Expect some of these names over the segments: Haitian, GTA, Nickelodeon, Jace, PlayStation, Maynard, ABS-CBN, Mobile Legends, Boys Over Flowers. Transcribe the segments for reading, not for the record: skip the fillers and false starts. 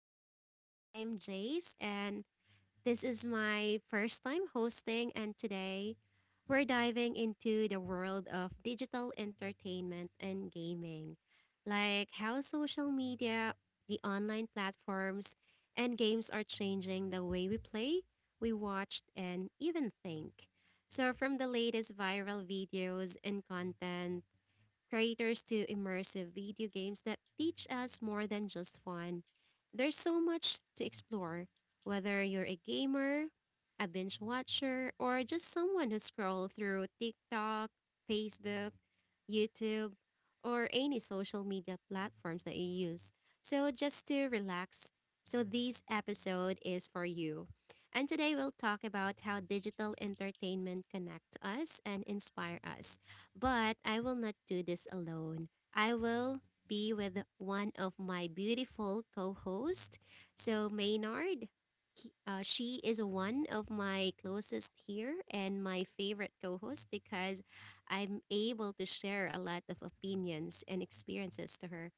podcast. I'm Jace, and this is my first time hosting. And today, we're diving into the world of digital entertainment and gaming, like how social media, the online platforms, and games are changing the way we play, we watch, and even think. So, from the latest viral videos and content, creators to immersive video games that teach us more than just fun. There's so much to explore, whether you're a gamer, a binge watcher, or just someone who scrolls through TikTok, Facebook, YouTube, or any social media platforms that you use. So just to relax, so this episode is for you. And today we'll talk about how digital entertainment connect us and inspire us. But I will not do this alone. I will be with one of my beautiful co hosts. So, Maynard, she is one of my closest here and my favorite co host because I'm able to share a lot of opinions and experiences to her.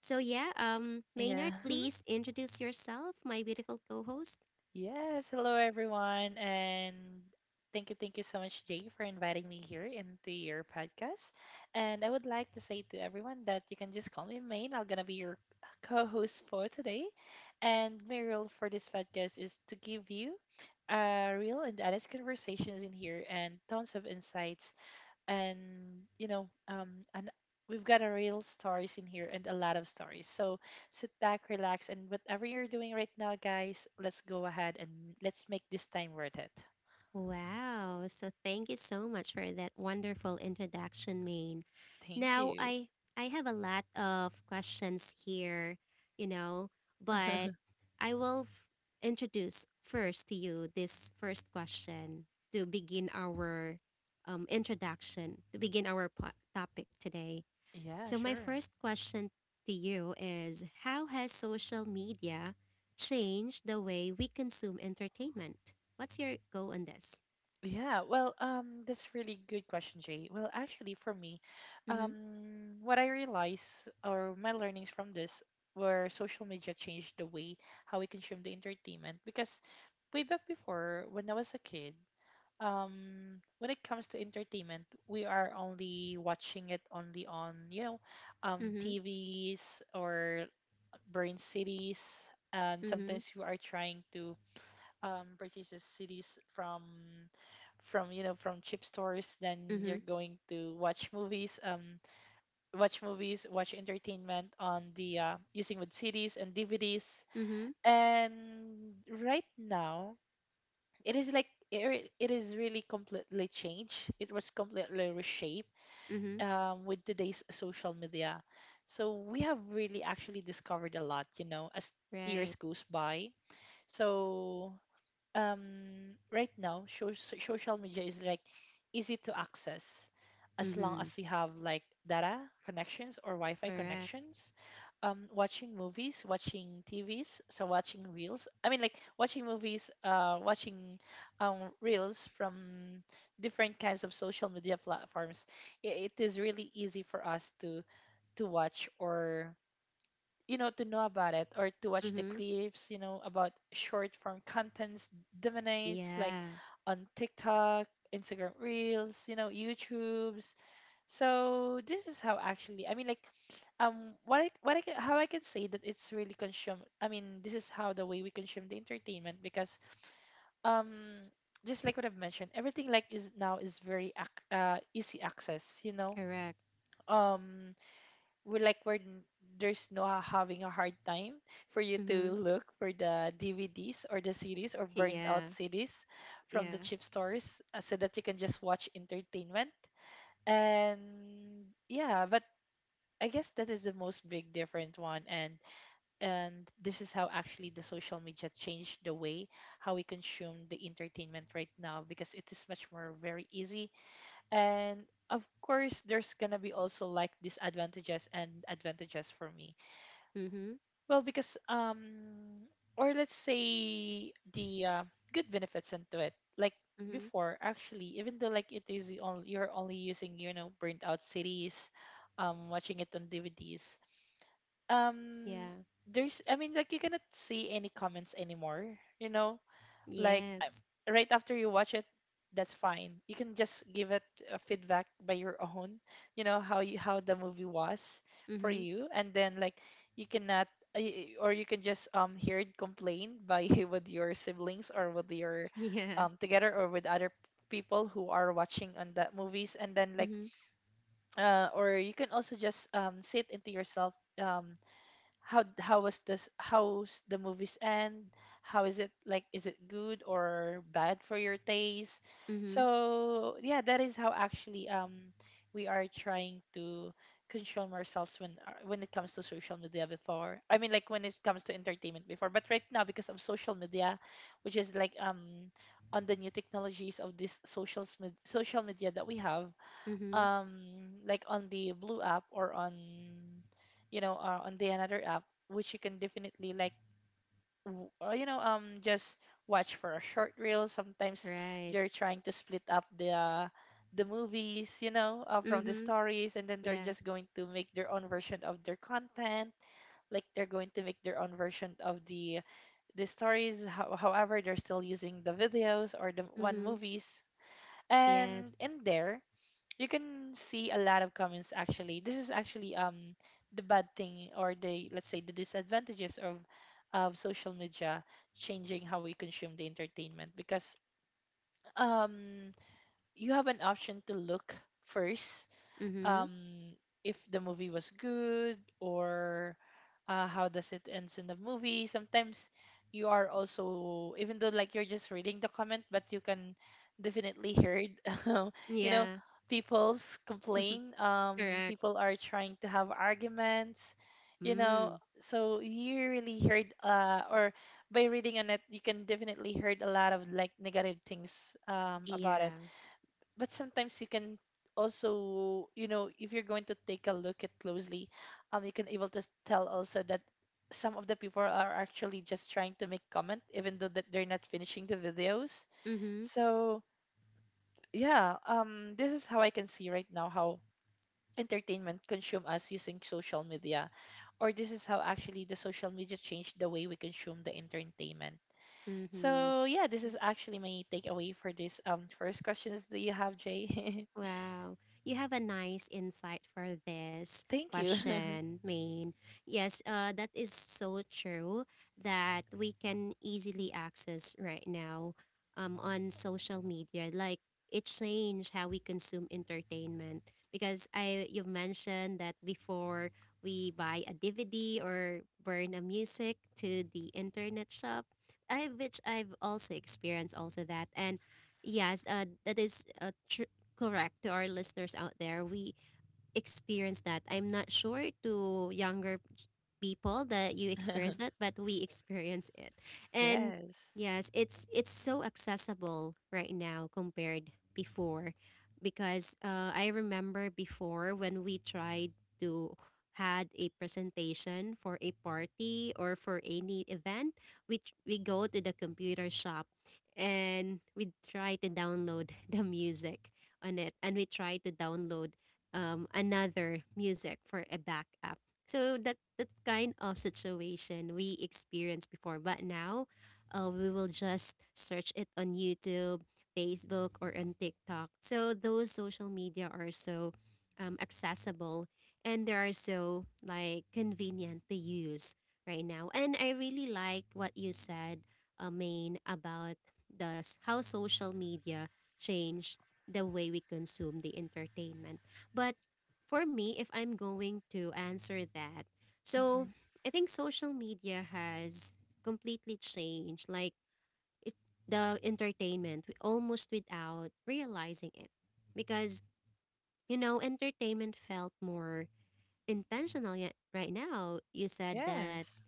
So, yeah, Yeah. Maynard, please introduce yourself, my beautiful co host. Yes. Hello, everyone. And thank you so much, Jay, for inviting me here into your podcast. And I would like to say to everyone that you can just call me Main. I'm going to be your co host for today. And my role for this podcast is to give you real and honest conversations in here and tons of insights and you know um and we've got a real stories in here and a lot of stories, so sit back, relax, and whatever you're doing right now, guys, let's go ahead and let's make this time worth it. Wow. So thank you so much for that wonderful introduction, Maine. Thank Now you. I I have a lot of questions here, you know, but I will f- introduce first to you this first question to begin our introduction, to begin our topic today. Yeah, So my sure. first question to you is, how has social media changed the way we consume entertainment? What's your go on this? Yeah, well, that's really good question, Jay. Well, actually, for me, Mhm. um what I realized, or my learnings from this, were social media changed the way how we consume the entertainment, because way back before when I was a kid, when it comes to entertainment, we are only watching it only on, you know, Mhm. TVs or brain cities, and Mhm. sometimes you are trying to purchase the cities from you know, from cheap stores, then Mhm. you're going to watch movies, watch movies, watch entertainment on the using with CDs and DVDs. Mhm. And right now, it is like it is really completely changed. It was completely reshaped Mhm. With today's social media. So we have really actually discovered a lot, you know, as Right. years goes by. So right now, social media is like easy to access as long Mhm. as you have like data connections or wi-fi Correct. connections. Um, watching movies, watching tvs, so watching reels, I mean like watching movies, watching reels from different kinds of social media platforms, it is really easy for us to watch, or you know, to know about it, or to watch the Mhm. clips, you know, about short form contents dominates like Yeah. on TikTok, Instagram Reels, you know, YouTubes. So this is how actually, I mean, like, what I can, how I can say that it's really consumed. I mean, this is how the way we consume the entertainment, because, um, just like what I've mentioned, everything like is now is very easy access, you know. Correct. Um, we like there's no having a hard time for you Mhm. to look for the DVDs or the CDs or burnt Yeah. out CDs from the Yeah. cheap stores, so that you can just watch entertainment. And yeah, but I guess that is the most big different one, and this is how actually the social media changed the way how we consume the entertainment right now, because it is much more very easy, and of course there's gonna be also like disadvantages and advantages for me. Mhm. Well, because or let's say the good benefits into it. Like Mhm. before, actually, even though like it is the only you're only using, you know, burnt out cities, watching it on DVDs. Um, Yeah. there's, I mean, like, you cannot see any comments anymore. You know, like I- Yes. right after you watch it, that's fine, you can just give it a feedback by your own, you know, how you, how the movie was for Mhm. you. And then like you cannot or you can just hear it complain by with your siblings, or with your Yeah. Together, or with other people who are watching on that movies. And then like Mhm. Or you can also just say it into yourself, um how was this, how's the movies end, how is it, like is it good or bad for your taste. Mhm. So yeah, that is how actually we are trying to consume ourselves when, when it comes to social media before, I mean like when it comes to entertainment before. But right now, because of social media, which is like on the new technologies of this social media that we have, Mhm. um like on the blue app, or on, you know, on the another app, which you can definitely like or, you know, just watch for a short reel. Sometimes Right. they're trying to split up the movies, you know, from the Mhm. stories, and then they're Yeah. just going to make their own version of their content. Like they're going to make their own version of the stories, however, they're still using the videos or the one Mhm. movies. Yes. And in there you can see a lot of comments. Actually, this is actually the bad thing, or the, let's say, the disadvantages of social media changing how we consume the entertainment, because um you have an option to look first, um, Mhm. if the movie was good, or how does it ends in the movie. Sometimes you are also, even though like you're just reading the comment, but you can definitely hear it. You know, Yeah. people's complain. Correct. People are trying to have arguments. You know, Mm. so you really heard, or by reading on it, you can definitely heard a lot of like negative things about it. Yeah. But sometimes you can also, you know, if you're going to take a look at closely, you can able to tell also that some of the people are actually just trying to make comment even though that they're not finishing the videos. Mhm. So yeah, this is how I can see right now how entertainment consume us using social media, or this is how actually the social media changed the way we consume the entertainment. Mhm. So yeah, this is actually my takeaway for this first questions that you have, Jay. Wow, you have a nice insight for this Thank you. question, Maine. Yes, that is so true that we can easily access right now on social media. Like, it changed how we consume entertainment because I you've mentioned that before we buy a DVD or burn a music to the internet shop, I which I've also experienced also that. And yes, that is true, correct. To our listeners out there, we experience that. I'm not sure to younger people that you experience that, but we experience it. And Yes. yes, it's so accessible right now compared before, because I remember before when we tried to had a presentation for a party or for any event, we go to the computer shop and we try to download the music on it, and we try to download another music for a backup, so that that kind of situation we experienced before. But now we will just search it on YouTube, Facebook, or on TikTok. So those social media are so accessible and they are so like convenient to use right now. And I really like what you said, Maine, about how social media changed the way we consume the entertainment. But for me, if I'm going to answer that, Hmm. so I think social media has completely changed, like it, the entertainment almost without realizing it. Because, you know, entertainment felt more intentional yet right now. You said that Yes.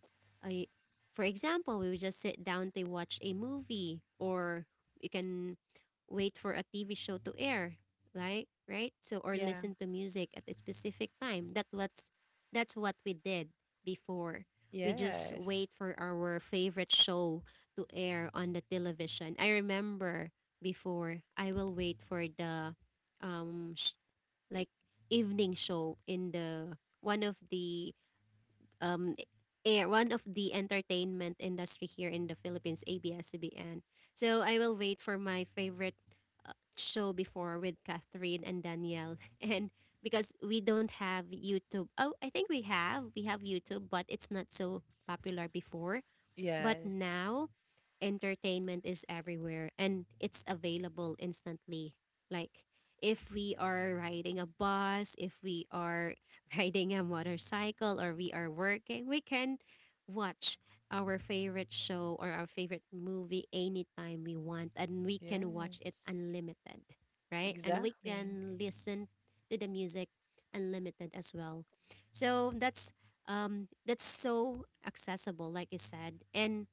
I for example, we would just sit down to watch a movie, or you can wait for a TV show to air, right? Right? So, or Yeah. listen to music at a specific time. That what's that's what we did before. We just Yes. wait for our favorite show to air on the television. I remember before I will wait for the um sh- like evening show in the one of the um air, one of the entertainment industry here in the Philippines, ABS-CBN. So I will wait for my favorite show before with Catherine and Danielle. And because we don't have YouTube. Oh, I think we have. We have YouTube, but it's not so popular before. But Yes. now, entertainment is everywhere and it's available instantly. Like, if we are riding a bus, if we are riding a motorcycle, or we are working, we can watch our favorite show or our favorite movie anytime we want. And we can watch it Yes. unlimited, right? And we Exactly. can listen to the music unlimited as well. So that's so accessible, like you said. And,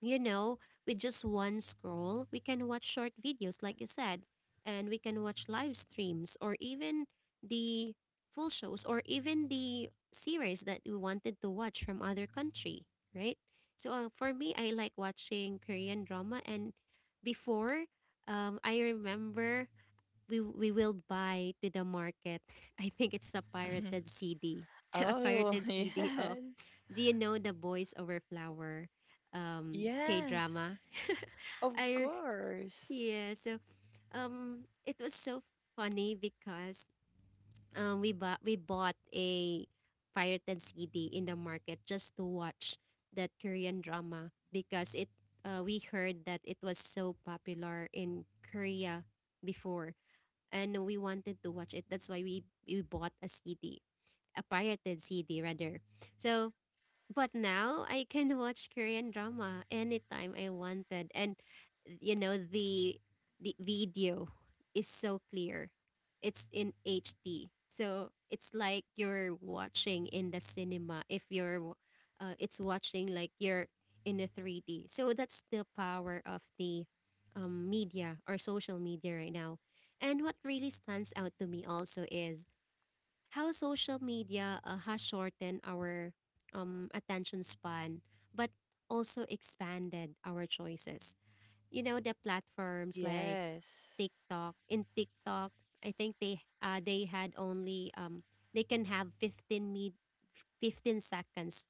you know, with just one scroll, we can watch short videos, like you said, and we can watch live streams or even the full shows or even the series that we wanted to watch from other country, right? So for me, I like watching Korean drama. And before, I remember we will buy to the market. I think it's a pirated CD, a Oh, pirated CD of. yes. Do you know the Boys Over Flower, K Yes. drama? Of I course. yeah. So it was so funny because we bought a pirated CD in the market just to watch that Korean drama because it we heard that it was so popular in Korea before, and we wanted to watch it. That's why we bought a CD, a pirated CD rather. So, but now I can watch Korean drama anytime I wanted. And you know, the video is so clear. It's in HD. So it's like you're watching in the cinema. If you're w- It's watching like you're in a 3D. So that's the power of the media or social media right now. And what really stands out to me also is how social media has shortened our attention span, but also expanded our choices. You know, the platforms like Yes. TikTok. In TikTok, I think they had only they can have 15 seconds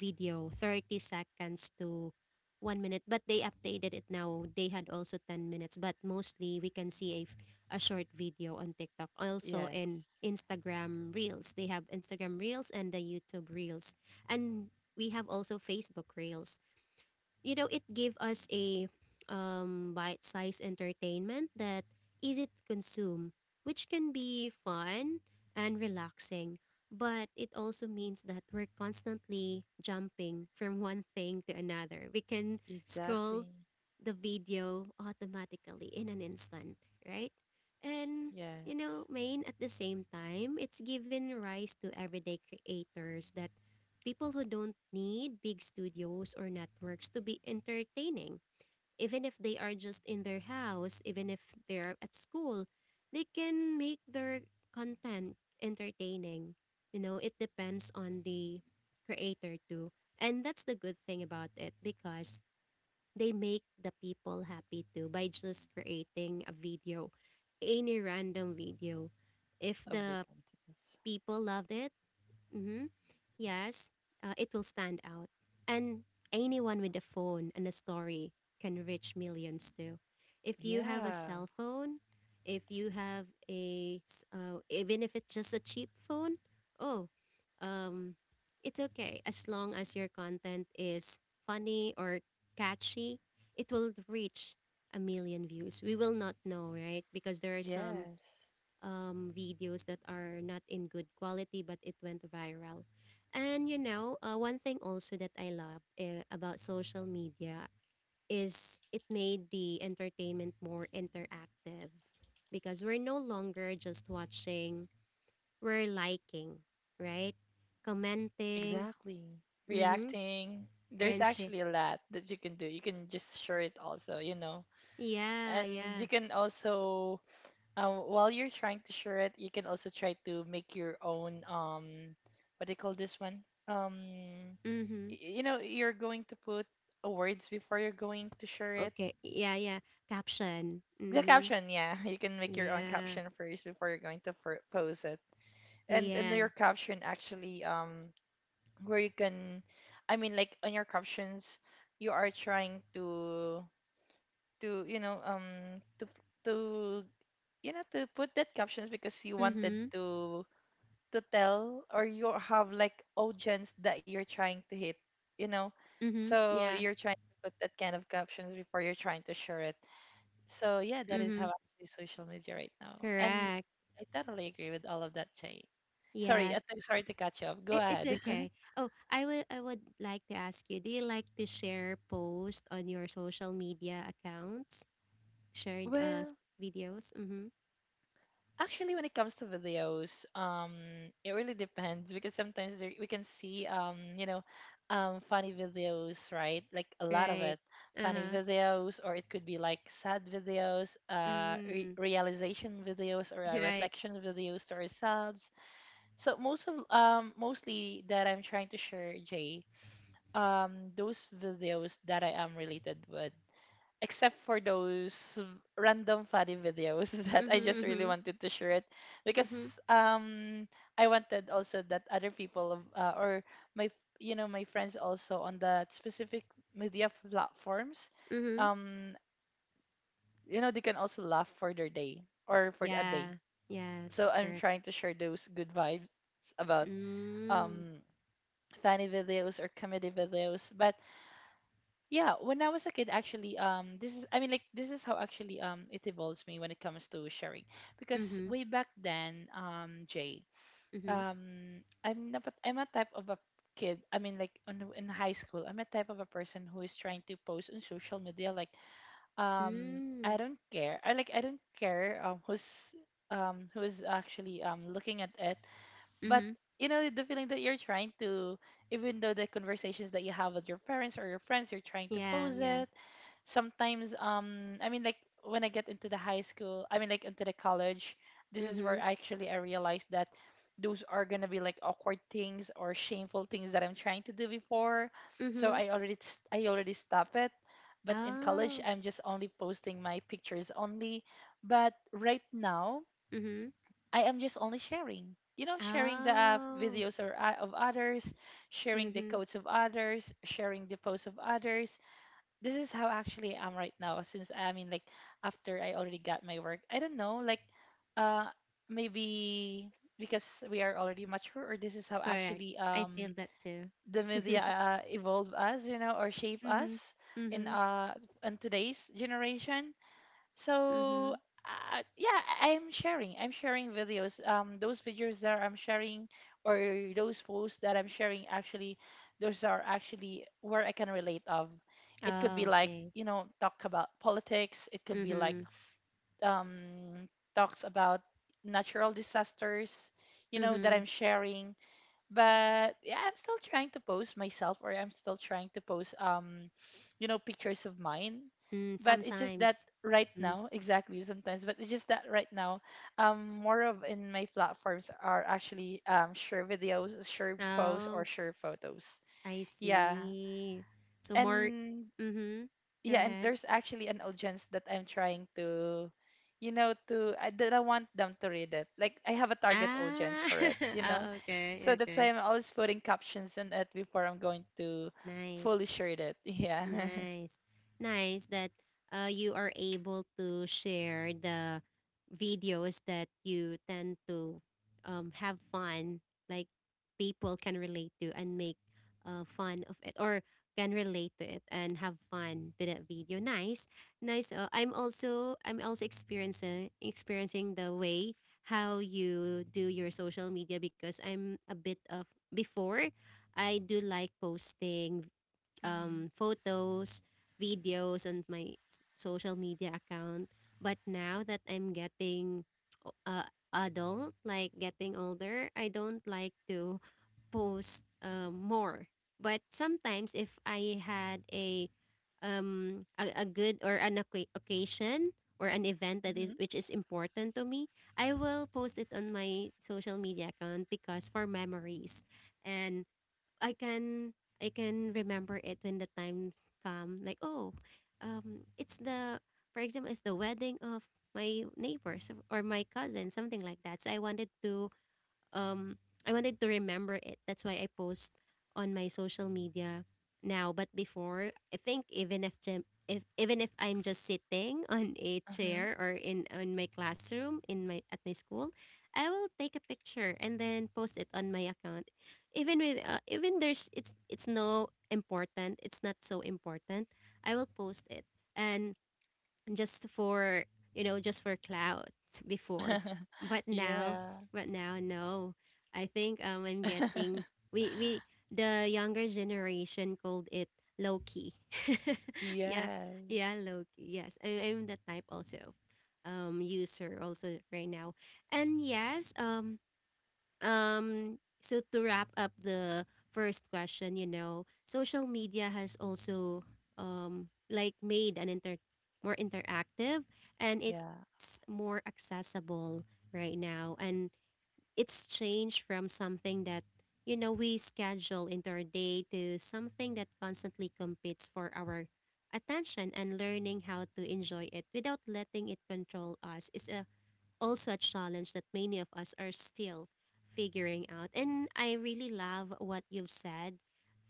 video, 30 seconds to 1 minute, but they updated it now. They had also 10 minutes, but mostly we can see a, a short video on TikTok. Also in Yes. Instagram Reels, they have Instagram Reels and the YouTube Reels. And we have also Facebook Reels. You know, it gave us a bite-sized entertainment that easy to consume, which can be fun and relaxing, but it also means that we're constantly jumping from one thing to another. We can scroll Exactly. the video automatically in an instant, right? And you know, Yes. main, at the same time, it's given rise to everyday creators, that people who don't need big studios or networks to be entertaining. Even if they are just in their house, even if they're at school, they can make their content entertaining. You know, it depends on the creator too. And that's the good thing about it, because they make the people happy too by just creating a video, any random video. If Of their the contents. people loved it, mhm, yes, it will stand out. And anyone with a phone and a story can reach millions too. If you have a Yeah. cell phone, if you have a, even if it's just a cheap phone, oh, um, it's okay. As long as your content is funny or catchy, it will reach a million views. We will not know, right? Because there are some Yes. Videos that are not in good quality, but it went viral. And you know, one thing also that I love about social media is it made the entertainment more interactive, because we're no longer just watching, we're liking, right? Commenting, Exactly. mm-hmm. Reacting. There's And she, actually a lot that you can do. You can just share it also, you know. yeah, And you yeah, can also, while you're trying to share it, you can also try to make your own, what do you call this one, um mm-hmm. You know, you're going to put words before you're going to share it. Okay, yeah, yeah, caption, The mm-hmm. caption, yeah. You can make your own Yeah, caption first before you're going to post it. And yeah, your caption actually, where you can, I mean like on your captions, you are trying to you know, to to, you know, to put that captions because you wanted mm-hmm, to tell, or you have like audience that you're trying to hit, you know. mm-hmm, So yeah. you're trying to put that kind of captions before you're trying to share it. So yeah, that is how Mm-hmm. actually social media right now. And Correct. I totally agree with all of that, Jay. Sorry, Yes. sorry to catch you up, go It, it's ahead. okay. Oh, I would like to ask you, do you like to share posts on your social media accounts? Shared Well, videos? Mm-hmm. actually, when it comes to videos, it really depends, because sometimes there, we can see, you know, funny videos, right? Like a lot of Right. it, funny Uh-huh. videos, or it could be like sad videos, re Mm. realization videos, or Right. reflection videos to ourselves. So most of, mostly that I'm trying to share, Jay, those videos that I am related with, except for those random funny videos that Mm-hmm. I just really Mm-hmm. wanted to share it, Mm-hmm. because I wanted also that other people, or my, you know, my friends also on that specific media platforms, Mm-hmm. um you know, they can also laugh for their day or for a day. Yeah. So Yes, I'm correct. trying to share those good vibes about Mm. um funny videos or comedy videos. But yeah, when I was a kid, actually, this is, I mean, like, this is how actually, it evolves me when it comes to sharing. Because Mm-hmm. way back then, Jay, Mm-hmm. I'm not, I'm a type of a kid. I mean, like, in high school, I'm a type of a person who is trying to post on social media, like, Mm. I don't care. I don't care, who is actually, looking at it. But Mm-hmm. you know the feeling that you're trying to, even though the conversations that you have with your parents or your friends, you're trying to Yeah, pose it yeah. sometimes. Um, I mean, like, when I get into the high school, I mean like into the college, this is where Mm-hmm. actually I realized that those are gonna be like awkward things or shameful things that I'm trying to do before. So Mm-hmm. I already stop it. But in college, Oh. I'm just only posting my pictures only. But right now, Mm-hmm. I am just only sharing. You know, sharing the Oh. videos, or of others, sharing the Mm-hmm. codes of others, sharing the posts of others. This is how actually I'm right now. Since after I already got my work, I don't know, uh, maybe because we are already mature, or this is how Correct. actually I feel that too. the media evolve us, you know, or shape Mm-hmm. us in Mm-hmm. uh in today's generation. So Mm-hmm. Yeah, I'm sharing. I'm sharing videos. Those videos that I'm sharing, or those posts that I'm sharing actually, those are actually where I can relate of. It could be Oh, like, okay. you know, talk about politics. It could be like, Mm-hmm. um, talks about natural disasters, you know, Mm-hmm. that I'm sharing. But yeah, I'm still trying to post myself, or I'm still trying to post, you know, pictures of mine. Mm, But it's just sometimes. that right Mm. now exactly sometimes, but it's just that right now, more of, in my platforms are actually, um, share videos, share posts, Oh, or share photos. I Yeah. see. So more. and Mm-hmm. Go yeah and ahead. there's actually an audience that I'm trying to, you know, to I that I want them to read it, like I have a target audience Ah. for it, you know. Oh, okay. So that's why Okay. I'm always putting captions on it before I'm going to fully Nice. share it. Yeah. Nice. Nice that you are able to share the videos that you tend to have fun, like people can relate to and make fun of it, or can relate to it and have fun to that video. Nice. Nice. I'm also experiencing the way how you do your social media, because I'm a bit of before I do like posting um, Mhm, photos, videos on my social media account. But now that I'm getting o- uh, adult, like getting older, I don't like to post more. But sometimes if I had a a good or an occasion or an event that mhm, is which is important to me, I will post it on my social media account because for memories, and I can I can remember it when the times come. Like, oh, it's the, for example, it's the wedding of my neighbors or my cousin, something like that. So um I wanted to remember it. That's why I post on my social media now. But before, I think even if jam- if even if I'm just sitting on a mhm. chair or in on my classroom in my at my school, I will take a picture and then post it on my account. Even with even there's it's no important. It's not so important. I will post it and just for just for clout before but now. Yeah. But now no. I think I'm getting, we the younger generation called it low key. Yeah, yeah, Yes. low key. Yes, I'm that type also, um, user also right now. And yes, so to wrap up the first question, you know, social media has also, um, like made an inter more interactive and Yeah. it's more accessible right now. And it's changed from something that, you know, we schedule into our day to something that constantly competes for our attention, and learning how to enjoy it without letting it control us is a also a challenge that many of us are still figuring out. And I really love what you've said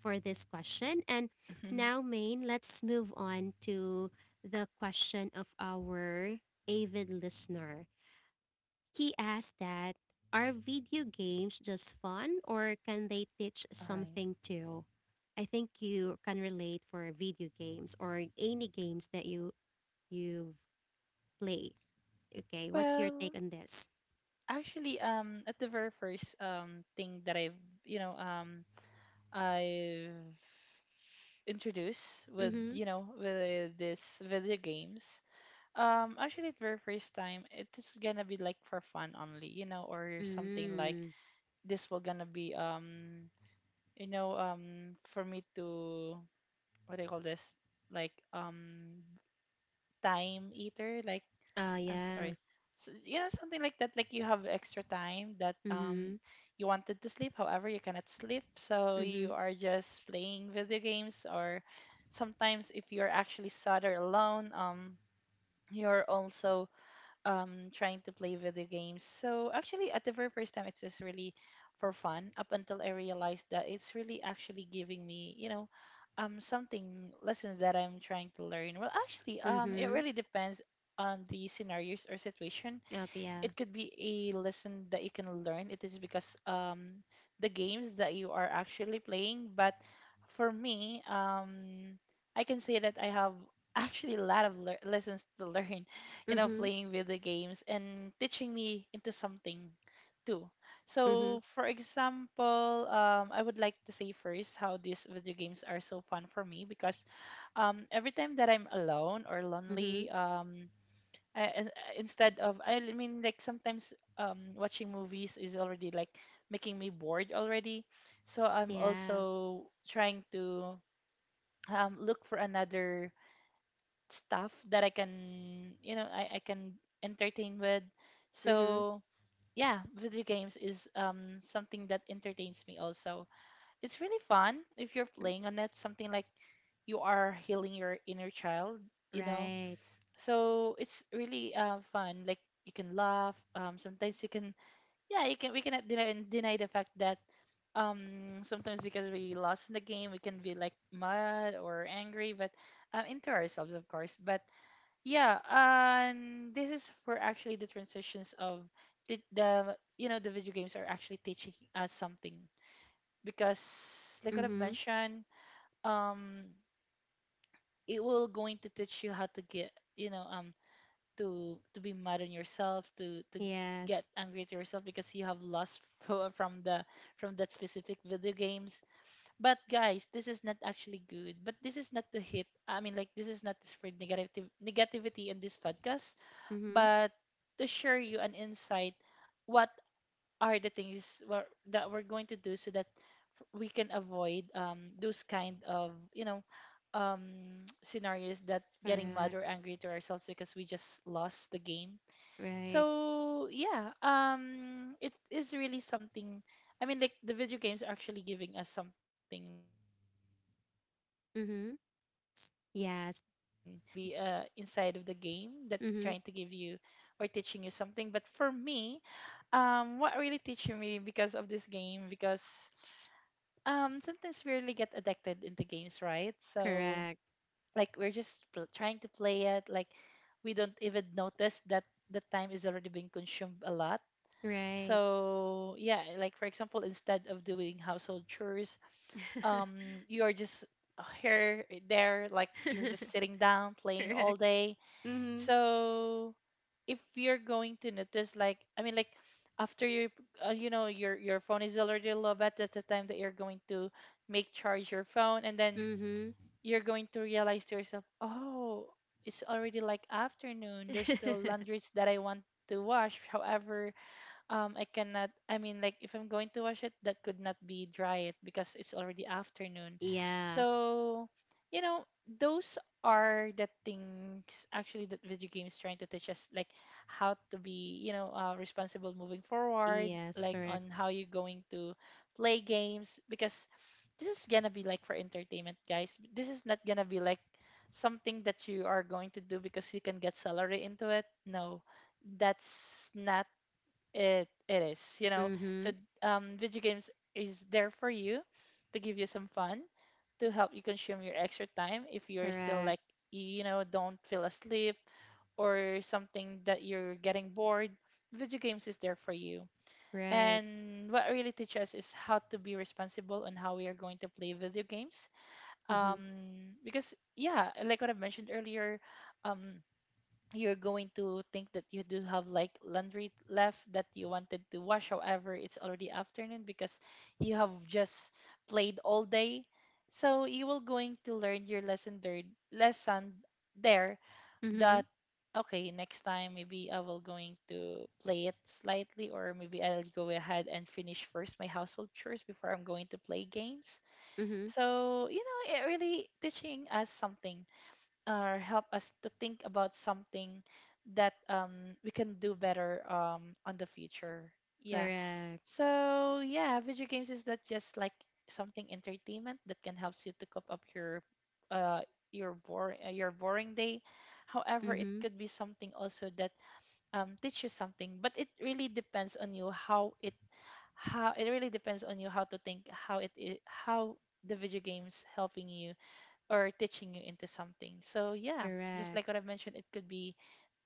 for this question. And now, Maine, let's move on to the question of our avid listener. He asked that, are All video right. games just fun or can they teach something too? I think you can relate for video games or any games that you've play. Okay, what's your Well, take on this? actually, at the very first thing that you know um I've introduced with, Mm-hmm. you know, with this video games. Actually, the very first time, it is gonna be like for fun only, you know, or something like, Mm. this will gonna be you know, for me to, what do you call this, like, time eater. Like, Oh, I'm yeah. sorry. So, you know, something like that, like you have extra time that Mm-hmm. you wanted to sleep, however, you cannot sleep, so Mm-hmm. you are just playing video games, or sometimes if you're actually sad or alone, you're also trying to play video games. So actually, at the very first time, it's just really for fun, up until I realized that it's really actually giving me, you know, something lessons that I'm trying to learn. Well, actually, it Mm-hmm. really depends on the scenarios or situation. Okay, yeah. It could be a lesson that you can learn. It is because, the games that you are actually playing. But for me, I can say that I have actually a lot of lear lessons to learn, you know, Mm-hmm. playing video games and teaching me into something too. Mm-hmm. So, for example, I would like to say first how these video games are so fun for me, because every time that I'm alone or lonely, Mm-hmm. I, I- instead of, I mean, like, sometimes watching movies is already like making me bored already. So I'm Yeah. also trying to look for another stuff that I can, you know, I can entertain with. Mm-hmm. So yeah, video games is something that entertains me also. It's really fun if you're playing on it, something like you are healing your inner child, you know. Right. So it's really fun, like you can laugh, sometimes you can, yeah, you can, we cannot deny the fact that, sometimes, because we lost in the game, we can be like mad or angry, but into ourselves, of course. But yeah, and this is for actually the transitions of the you know, the video games are actually teaching us something, because like what I've Mm-hmm. mentioned, um it will going to teach you how to get, you know, to be mad on yourself, to get Yes. angry to yourself, because you have lost from the, from that specific video games. But guys, this is not actually good, but this is not to hit, I mean, like, this is not to spread negative negativity in this podcast, Mm-hmm. but to share you an insight what are the things that we're going to do so that we can avoid, those kind of, you know, scenarios that getting mad Correct. or angry to ourselves because we just lost the game. Right. So yeah, it is really something. I mean, like, the video games are actually giving us something, Jay. So what I mentioned Mm-hmm. earlier, it really depends if Yes. that could be inside of the game that Mm-hmm. trying to give you or teaching you something. But for me, what really teaching me because of this game, because sometimes we really get addicted into games, right? So Correct. like we're just trying to play it, like we don't even notice that the time is already being consumed a lot. Right. So yeah, like, for example, instead of doing household chores, you are just here there, like you're just sitting down playing all Correct. day. Mm-hmm. So if you're going to notice, like, I mean, like, after you you know, your phone is already low, but that's the time that you're going to make charge your phone, and then Mm-hmm. you're going to realize to yourself, oh, it's already like afternoon. There's still laundries that I want to wash. However, I cannot, I mean, like, if I'm going to wash it, that could not be dry it because it's already afternoon. Yeah. So, you know, those are the things actually that video games trying to teach us, like how to be, you know, responsible moving forward, Yes, like correct. on how you're going to play games, because this is gonna be like for entertainment, guys. This is not gonna be like something that you are going to do because you can get salary into it. No, that's not it. It is, you know. So Mm-hmm. Video games is there for you, to give you some fun, to help you consume your extra time if you're still Correct. like, you know, don't feel asleep, or something that you're getting bored, video games is there for you. Right. And what really teaches us is how to be responsible on how we are going to play video games. Mm-hmm. um because yeah, like what I mentioned earlier, um you're going to think that you do have like laundry left that you wanted to wash, however it's already afternoon, because you have just played all day. So you will going to learn your lesson there, lesson there Mm-hmm. that, okay, next time maybe I will going to play it slightly, or maybe I'll go ahead and finish first my household chores before I'm going to play games. Mm-hmm. So you know, it really teaching us something, or help us to think about something that, we can do better, on the future. Yeah. Correct. So yeah, video games is not just like something entertainment that can help you to cope up uh, your boring, your boring day. However, it Mm-hmm. could be something also that, teach you something, but it really depends on you how it, how it really depends on you how to think how it is, how the video games helping you or teaching you into something. So yeah, just Correct. like what I've mentioned, it could be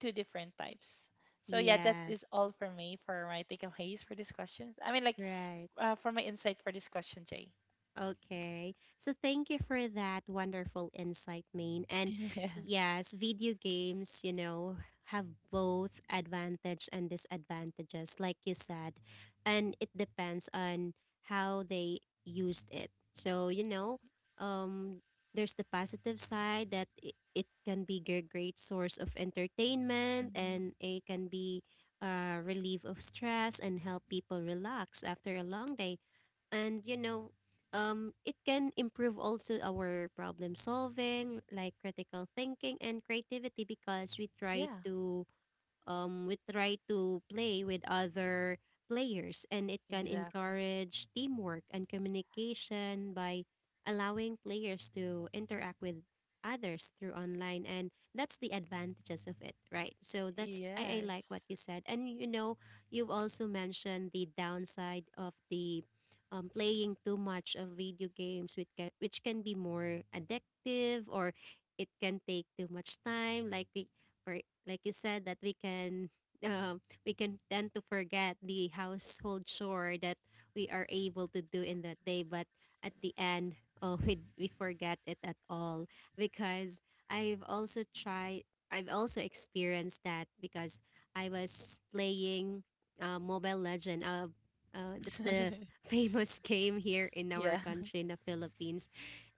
two different types. So yeah, that Yes. is all for me for my takeaways for these questions. I mean, like, Right. For my insight for this question, Jay. Okay. So thank you for that wonderful insight, Main. And Yes. yes, video games, you know, have both advantage and disadvantages, like you said. And it depends on how they used it. So, you know, um, there's the positive side that it can be a great source of entertainment, Hmm. and it can be a relief of stress and help people relax after a long day. And you know, um, it can improve also our problem solving, like critical thinking and creativity, because we try Yeah. to, we try to play with other players, and it can Exactly. encourage teamwork and communication by allowing players to interact with others through online. And that's the advantages of it, right? So that's, I like what Yes. you said. And you know, you've also mentioned the downside of the, playing too much of video games, which can be more addictive, or it can take too much time like we, for, like you said that we can, um, we can tend to forget the household chore that we are able to do in that day. But at the end, oh, we forget it at all, because I've also tried, I've also experienced that, because I was playing, Mobile Legend, that's the famous game here in our Yeah. country in the Philippines.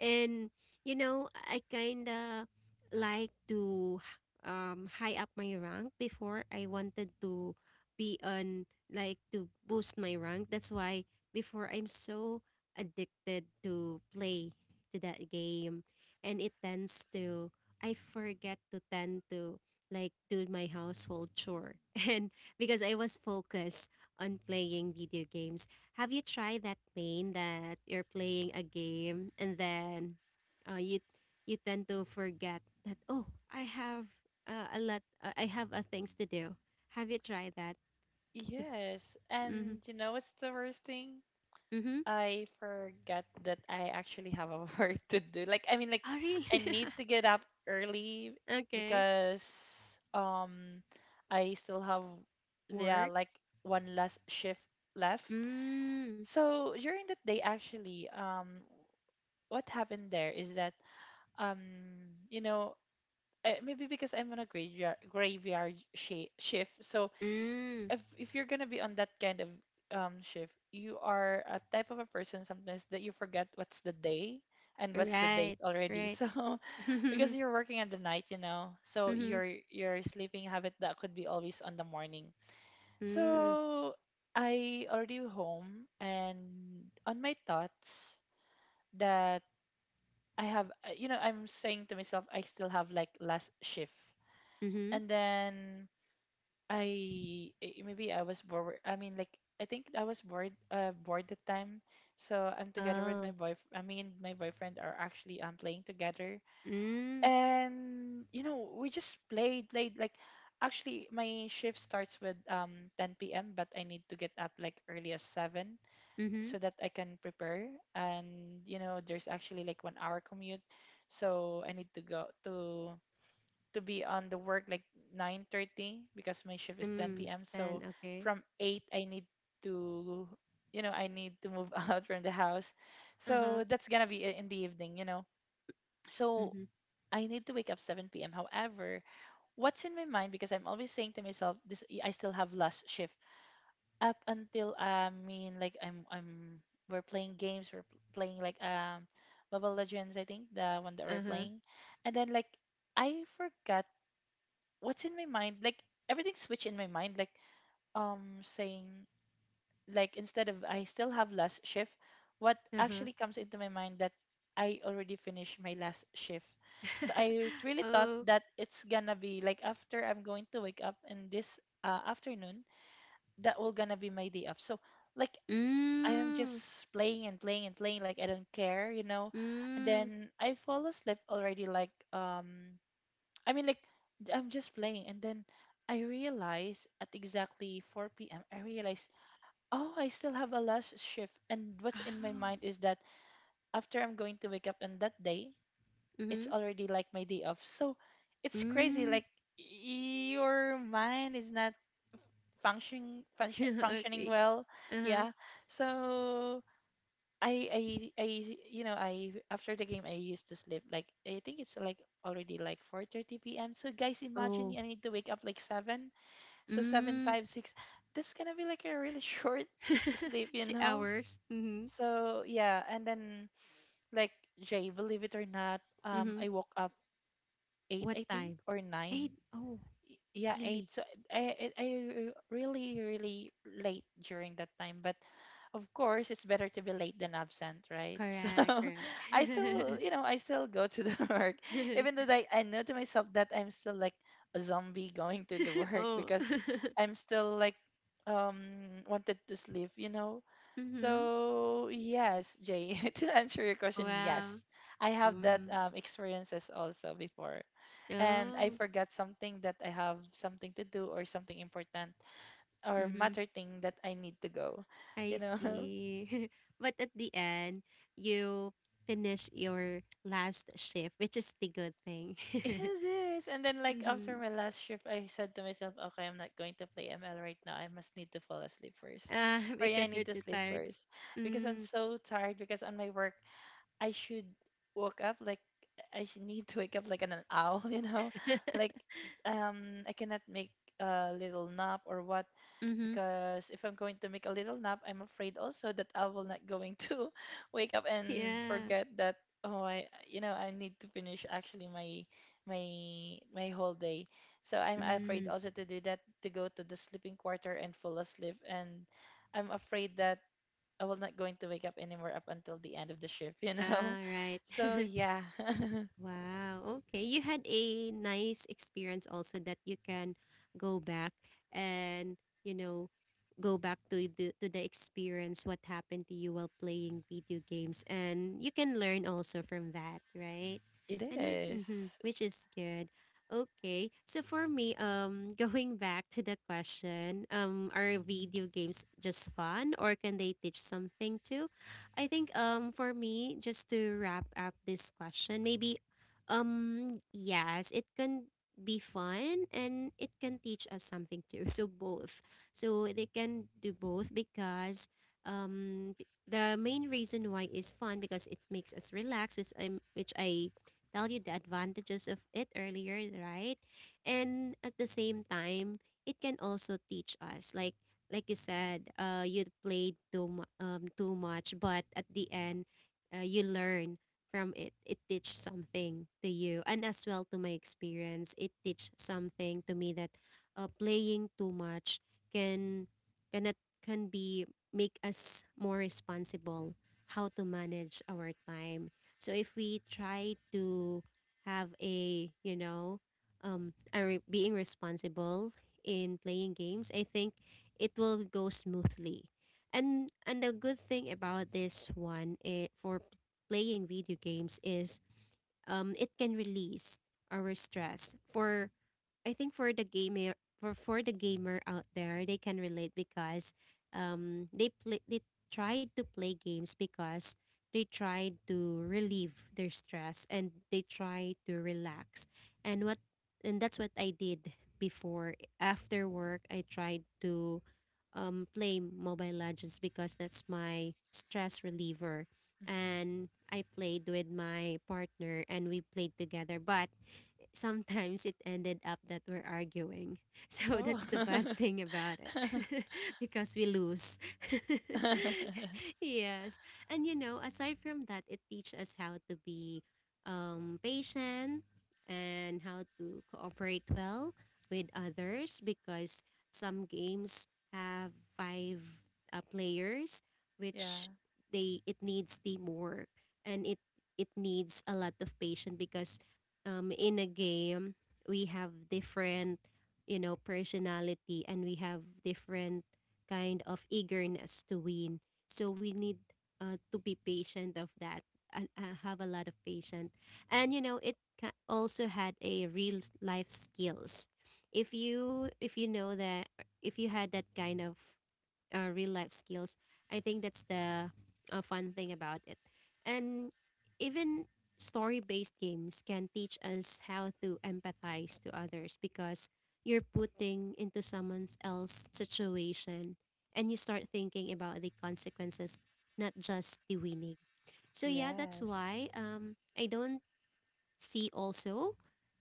And you know, I kind of like to, um, high up my rank before. I wanted to be on, like, to boost my rank. That's why before I'm so addicted to play to that game. And it tends to, I forget to tend to, like, do my household chore and because I was focused on playing video games. Have you tried that pain that you're playing a game and then, you you tend to forget that, oh, I have, a lot. I have, things to do. Have you tried that? Yes. Mm-hmm. And you know what's the worst thing? Mm-hmm. I forgot that I actually have a work to do. Like, I mean, like, Oh, I really? need to get up early Okay. because I still have, yeah, Work. like one last shift left. Mm. So during that day actually, what happened there is that, um you know, maybe because I'm on a graveyard shift. So Mm. If you're gonna be on that kind of shift, you are a type of a person sometimes that you forget what's the day and what's the date Right. already. Right. So Mm-hmm. because you're working at the night, you know, so your sleeping habit that could be always on the morning. Mm. So I already home and on my thoughts that I have, you know, I'm saying to myself, I still have like last shift. Mm-hmm. And then I maybe I was bored. I mean, like, I think I was bored. Bored the time. So I'm together with Oh. my boyfriend are actually playing together, Mm. and you know we just played. Like, actually, my shift starts with 10 p.m. But I need to get up like early as 7 Mm-hmm. so that I can prepare. And you know, there's actually like 1 hour commute, so I need to go to be on the work like 9:30, because my shift is 10 Mm. p.m. So Then okay. from 8 I need to, you know, I need to move out from the house. Uh So huh. that's going to be in the evening, you know. So Mm-hmm. I need to wake up 7 p.m. However, what's in my mind because I'm always saying to myself this I still have last shift up until I mean like I'm we're playing games, playing like Mobile Legends, I think, the one that we're Uh huh. playing. And then like I forgot what's in my mind, like everything switched in my mind, like saying like, instead of I still have last shift, what Uh actually comes into my mind that I already finished my last shift. So huh. I really thought Oh. that it's gonna be like after I'm going to wake up in this afternoon, that will gonna be my day off. So like I am just Mm. playing and playing and playing, like I don't care, and Mm. then I fall asleep already like I mean, like, I'm just playing, and then I realize at exactly 4 p.m., I realize, oh, I still have a last shift. And what's in my Oh. mind is that after I'm going to wake up on that day, it's Mm-hmm. already like my day off. So it's crazy. Mm. Like, your mind is not functioning Okay. well. Uh Yeah. huh. So I I I I, after the game, I used to sleep like, I think it's like already like 4:30 p.m. So guys, imagine Oh. I need to wake up like seven. So seven, Mm. five, six. That's gonna be like a really short sleep, you 2 know. hours. Mhm. So yeah, and then like Jay, believe it or not, Mhm. I woke up eight, What I think, time? or nine. 8. Oh, Yeah, eight. really? So I really really late during that time, but of course it's better to be late than absent, right? So Correct, I correct. still, you know, I still go to the work, even though like I know to myself that I'm still like a zombie going to the work, Oh. because I'm still like wanted to sleep, you know. Mhm. So yes, Jay, to answer your question, Wow. yes, I have that Mm. Experiences also before, and I Oh. forgot something that I have something to do, or something important or Mhm. matter thing that I need to go, I you know. see. But at the end, you finish your last shift, which is the good thing. Yes, yes. And then like after Mhm. my last shift, I said to myself, okay, I'm not going to play ML right now. I must need to fall asleep first, Ah, or yeah, I because need you're to too sleep tired. first because I'm Mm. so tired. Because on my work, I should wake up like I should need to wake up like an owl, you know, like I cannot make a little nap or what, Mhm. because if I'm going to make a little nap, I'm afraid also that I will not going to wake up and Yeah. forget that, oh, I you know I need to finish actually my my whole day. So I'm afraid Mm. also to do that, to go to the sleeping quarter and fall asleep, and I'm afraid that I will not going to wake up anymore up until the end of the shift, you know. Ah, right. So yeah. Wow. Okay. You had a nice experience also that you can go back and, you know, go back to the experience what happened to you while playing video games, and you can learn also from that, right? It And with, is. hmm, which is good. Okay. So for me, um, going back to the question, um, are Mhm. video games just fun or can they teach something too? I think, um, for me, just to wrap up this question, maybe, yes, it can be fun and it can teach us something too. So both. So they can do both, because, um, the main reason why is fun because it makes us relax, which I tell you the advantages of it earlier, right? And at the same time, it can also teach us like you said, you played too much, but at the end, you learn from it. It teach something to you, and as well to my experience it teach something to me that, playing too much can can it can be, make us more responsible, how to manage our time. So if we try to have a, you know, um, being responsible in playing games, I think it will go smoothly. And the good thing about this one, eh, for playing video games is, um, it can release our stress for, I think for the gamer, for the gamer out there, they can relate because, um, they tried to play games because they tried to relieve their stress, and they try to relax. And what and that's what I did before. After work, I tried to, um, play Mobile Legends, because that's my stress reliever. Mhm. And I played with my partner, and we played together, but sometimes it ended up that we're arguing. So Oh. that's the bad thing about it because we lose. Yes. And you know, aside from that, it teaches us how to be, patient, and how to cooperate well with others, because some games have five, players, yeah. which they, it needs teamwork, and it needs a lot of patience, because, in a game, we have different, you know, personality, and we have different kind of eagerness to win. So we need, to be patient of that and, have a lot of patience. And you know, it also had a real life skills. If you, if you know that, if you had that kind of, real life skills. I think that's the, fun thing about it. And even story based games can teach us how to empathize to others, because you're putting into someone else's situation, and you start thinking about the consequences, not just the winning. So, yeah, that's Yes, why, I don't see also,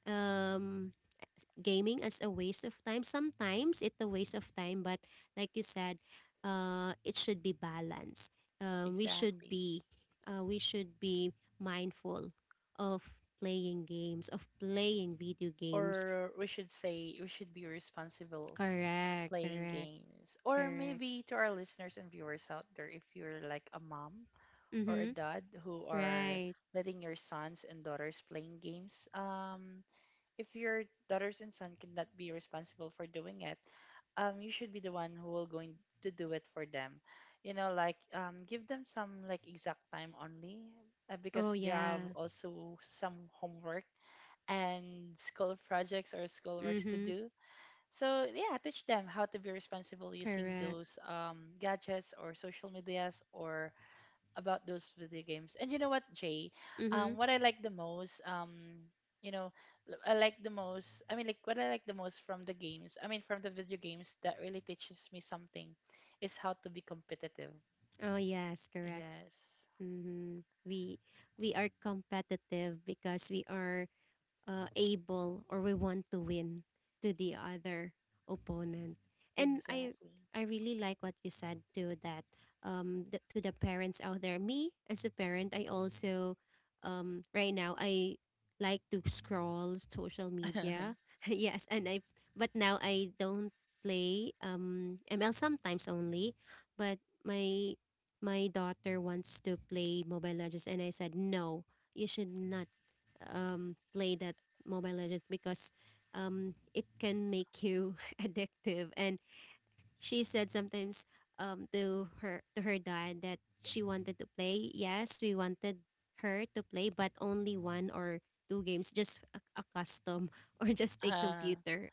um, gaming as a waste of time. Sometimes it's a waste of time, but like you said, it should be balanced. We should exactly. be, we should be mindful of playing games, of playing video games. Or we should say we should be responsible Correct, playing correct, games. Or correct. maybe to our listeners and viewers out there, if you're like a mom or a Mm-hmm. dad who are Right. letting your sons and daughters playing games, if your daughters and son cannot be responsible for doing it, you should be the one who will going to do it for them. You know, like give them some like exact time only, Oh because they have yeah. also some homework and school projects or school works to Mm-hmm. do. So yeah, teach them how to be responsible using Correct. those gadgets or social medias or about those video games. And you know what, Jay? Mm-hmm. What I like the most, you know, I like the most. I mean, like what I like the most from the games. I mean, from the video games that really teaches me something, is how to be competitive. Oh yes, correct. Yes, Mm-hmm. We are competitive because we are, able, or we want to win to the other opponent. And I exactly. I really like what you said too that, um, to the parents out there. Me as a parent, I also, um, right now I like to scroll social media. Yes, and I, but now I don't play, um, ML sometimes only, but my my daughter wants to play Mobile Legends, and I said no, you should not, play that Mobile Legends, because, it can make you addictive. And she said sometimes, to her dad that she wanted to play. Yes, we wanted her to play, but only one or two games, just a custom or just a uh, computer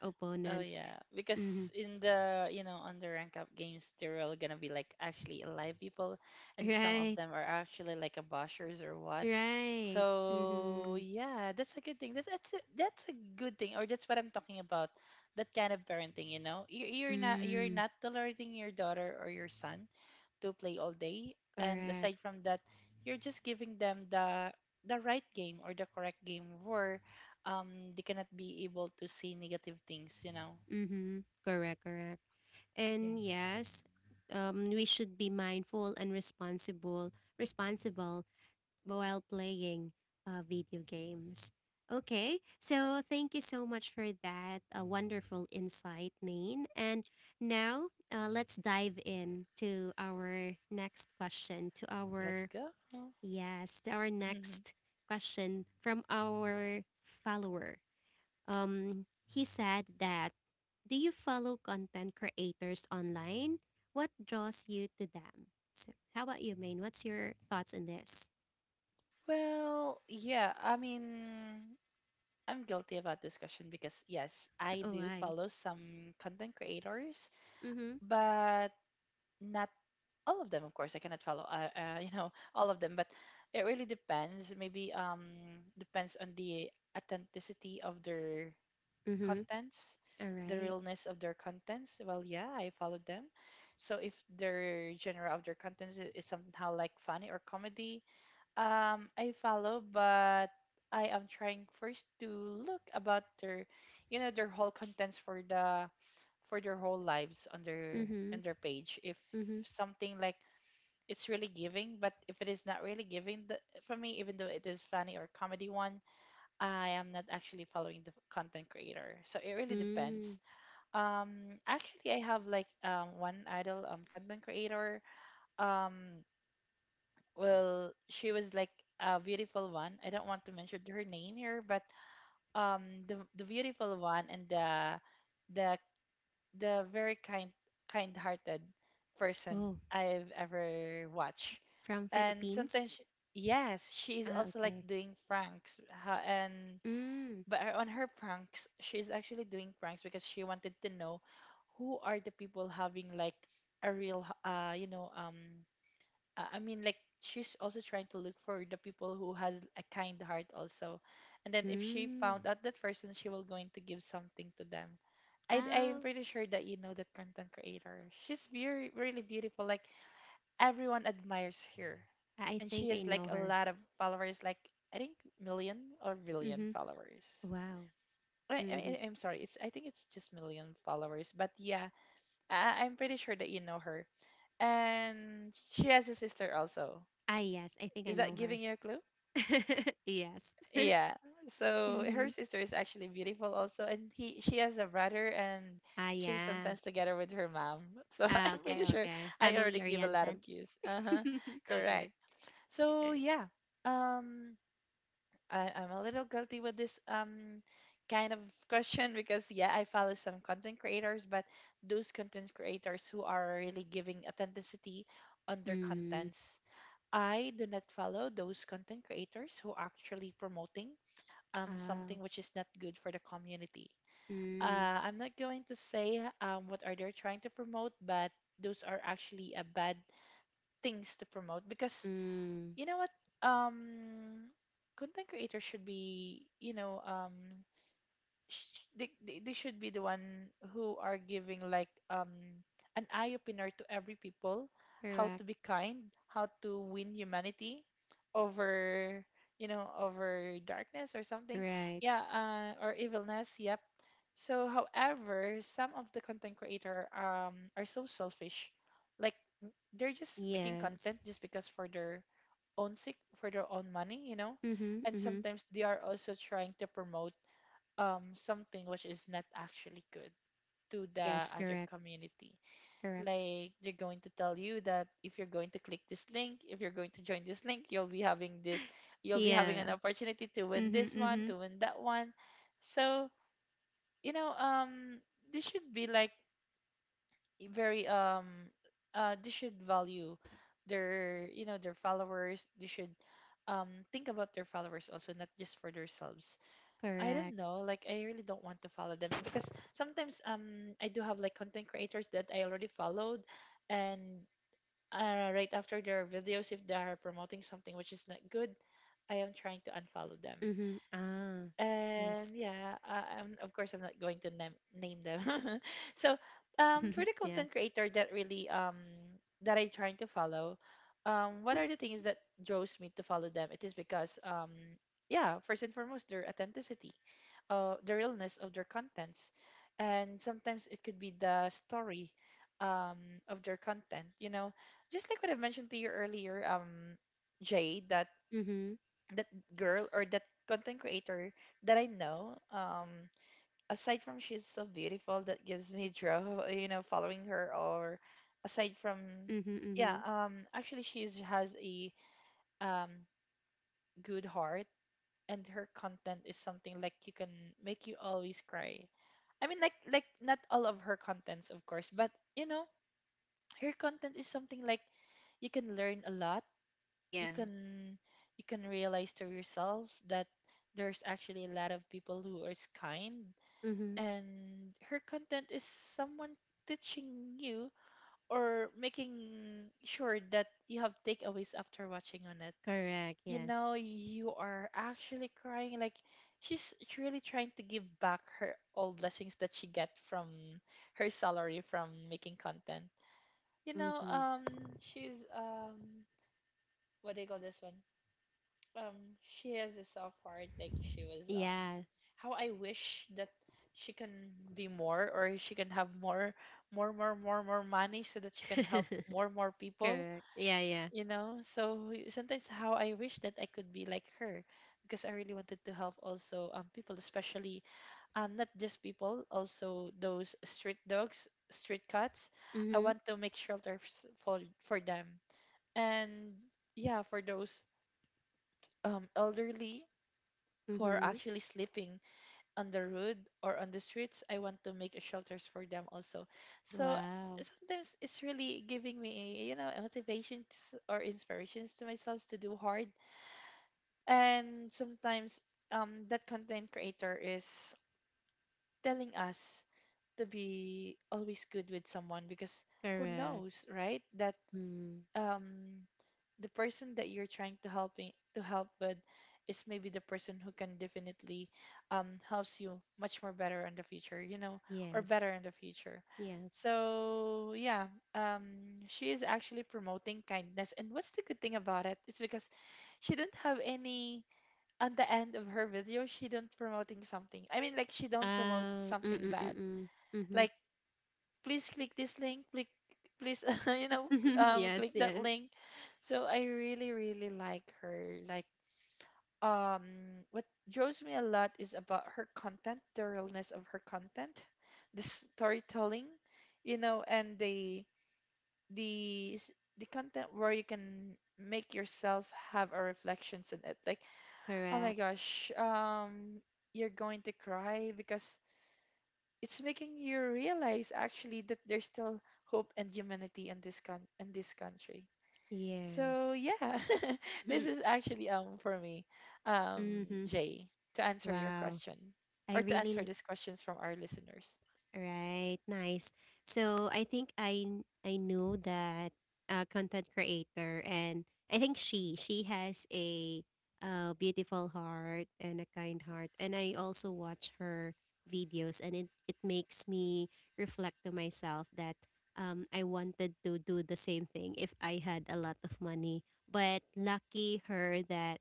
Oh opponent. yeah, because Mm-hmm. in the, you know, on the rank up games, they're all gonna be like actually alive people, and some of Right, them are actually like a bashers or what. right. So Mm-hmm. yeah, that's a good thing. That's a good thing, or that's what I'm talking about. That kind of parenting, you know, you're not Mm, tolerating your daughter or your son to play all day, and correct. aside from that, you're just giving them the right game or the correct game where they cannot be able to see negative things, you know. Mm-hmm. Correct, correct. Yeah, And yes, we should be mindful and responsible, responsible while playing, video games. Okay, so thank you so much for that, wonderful insight, Maine. And now, let's dive in to our next question, to let's our, go. yes, to our next question from our follower. He said that, do you follow content creators online? What draws you to them? So, how about you, Maine? What's your thoughts on this? Well, yeah, I mean, I'm guilty about this question because yes, I Oh, do I. follow some content creators, Mm-hmm. but not all of them, of course. I cannot follow, you know, all of them, but it really depends. Maybe depends on the authenticity of their Mm-hmm. contents, All the right. realness of their contents. Well, yeah, I followed them. So if their genre of their contents is somehow like funny or comedy, I follow, but I am trying first to look about their, you know, their whole contents for the for their whole lives Mm-hmm. on their page. If Mm-hmm. something like it's really giving, but if it is not really giving the, for me, even though it is funny or comedy one, I am not actually following the content creator. So it really Mm. depends. Actually, I have like one idol content creator. Um well she was like a beautiful one. I don't want to mention her name here, but the beautiful one, and the the very kind-hearted person Oh, I've ever fr- watched. from And Philippines? sometimes yes, she is Ah, also like okay. doing pranks, and Mm. but on her pranks she's actually doing pranks because she wanted to know who are the people having like a real I mean, like she's also trying to look for the people who has a kind heart also, and then if she Mm. found out that person, she will going to give something to them. I am Oh, pretty sure that you know that content creator. She's very really beautiful. Like everyone admires her, I and think she I has know like a her. lot of followers. Like I think million or billion Mm-hmm. followers. Wow. Mm-hmm. I'm sorry. It's I think it's just million followers. But yeah, I'm pretty sure that you know her. And she has a sister also. Ah, yes. I think I Is that know giving her. you a clue? Yes. Yeah. So Mm-hmm. her sister is actually beautiful also, and he she has a brother, and Ah, she's sometimes yeah. together with her mom. So Ah, I'm pretty okay, sure okay. I already Family give a lot of oriented. cues. Uh huh. Correct. Okay, So okay. yeah. Um, I'm a little guilty with this kind of question because yeah, I follow some content creators, but those content creators who are really giving authenticity on their Mm. contents. I do not follow those content creators who actually promoting Ah. something which is not good for the community. Mm. I'm not going to say what are they trying to promote, but those are actually a bad things to promote because Mm. you know what, um, content creators should be, you know, they should be the one who are giving like an eye opener to every people, how to Correct. be kind, how to win humanity over, you know, over darkness or something, Right. yeah, or evilness, yep. So however, some of the content creator are so selfish, like they're just making content Yes. just because for their own sake, for their own money, you know. Mm-hmm. And Mm-hmm. sometimes they are also trying to promote something which is not actually good to the Yes. other Correct. community. Correct. Like they're going to tell you that if you're going to click this link, if you're going to join this link, you'll be having this, you'll be having Yeah. an opportunity to win Mm-hmm. this one, Mm-hmm. to win that one. So, you know, this should be like very they should value their, you know, their followers. They should think about their followers also, not just for themselves. I don't Correct. know. Like I really don't want to follow them because sometimes I do have like content creators that I already followed, and right after their videos, if they are promoting something which is not good, I am trying to unfollow them. Mm-hmm. Ah. And Yes. yeah, I'm of course I'm not going to name them. So for the Yeah. content creator that really that I trying to follow, what are the things that draws me to follow them? It is because yeah, first and foremost their authenticity, the realness of their contents, and sometimes it could be the story um, of their content. You know, just like what I mentioned to you earlier, Jay, that Mm-hmm. that girl or that content creator that I know, aside from she's so beautiful, that gives me draw. You know, following her or aside from Mm-hmm. yeah, Mm-hmm. Actually she's has a um good heart, and her content is something like you can make you always cry. I mean, like not all of her contents, of course, but you know, her content is something like you can learn a lot. You Yeah. can you can realize to yourself that there's actually a lot of people who are kind, Mm-hmm. and her content is someone teaching you or making sure that you have takeaways after watching on it. Correct. You know, Yes. you are actually crying like she's really trying to give back her all blessings that she get from her salary from making content, you know. Mm-hmm. She's what do you call this one, um she has a soft heart like she was Yeah. how I Sh- wish that she can be more, or she can have more more money so that she can help more people, Correct. Yeah. Yeah. you know. So sometimes how I wish that I could be like her, because I really wanted to help also people, especially not just people, also those street dogs, street cats. I want Mm-hmm. to make shelters for them, and yeah, for those elderly who are Mm-hmm. actually sleeping on the road or on the streets. I want to make shelters for them also. So Wow. sometimes it's really giving me, you know, motivation to, or inspirations to myself to do hard. And sometimes, that content creator is telling us to be always good with someone, because who Correct. knows, right? That Mm. um, the person that you're trying to help with is maybe the person who can definitely, helps you much more better in the future, you know, or better Yes. in the future. Yes. So yeah, um, she is actually promoting kindness, and what's the good thing about it? It's because she didn't have any on the end of her video, she don't promoting something. I mean, like, she don't promote something Mm. Mm. bad Mm. like, "Please click this link, click please." You know, Mm-hmm. Click Yes. that Yes. link. So I really really like her, like, um what draws me a lot is about her content, the realness of her content, the storytelling, you know, and the the content where you can make yourself have a reflections on it, like, "Oh Correct. my gosh," you're going to cry because it's making you realize actually that there's still hope and humanity in this con in this country. So Yes. yeah, this is actually for me, Mm-hmm. Jay, to answer your Wow. question I or to answer really. these questions from our listeners. Right, nice. So I think I know that content creator. And I think she has a beautiful heart and a kind heart, and I also watch her videos, and it makes me reflect to myself that I wanted to do the same thing if I had a lot of money. But lucky her, that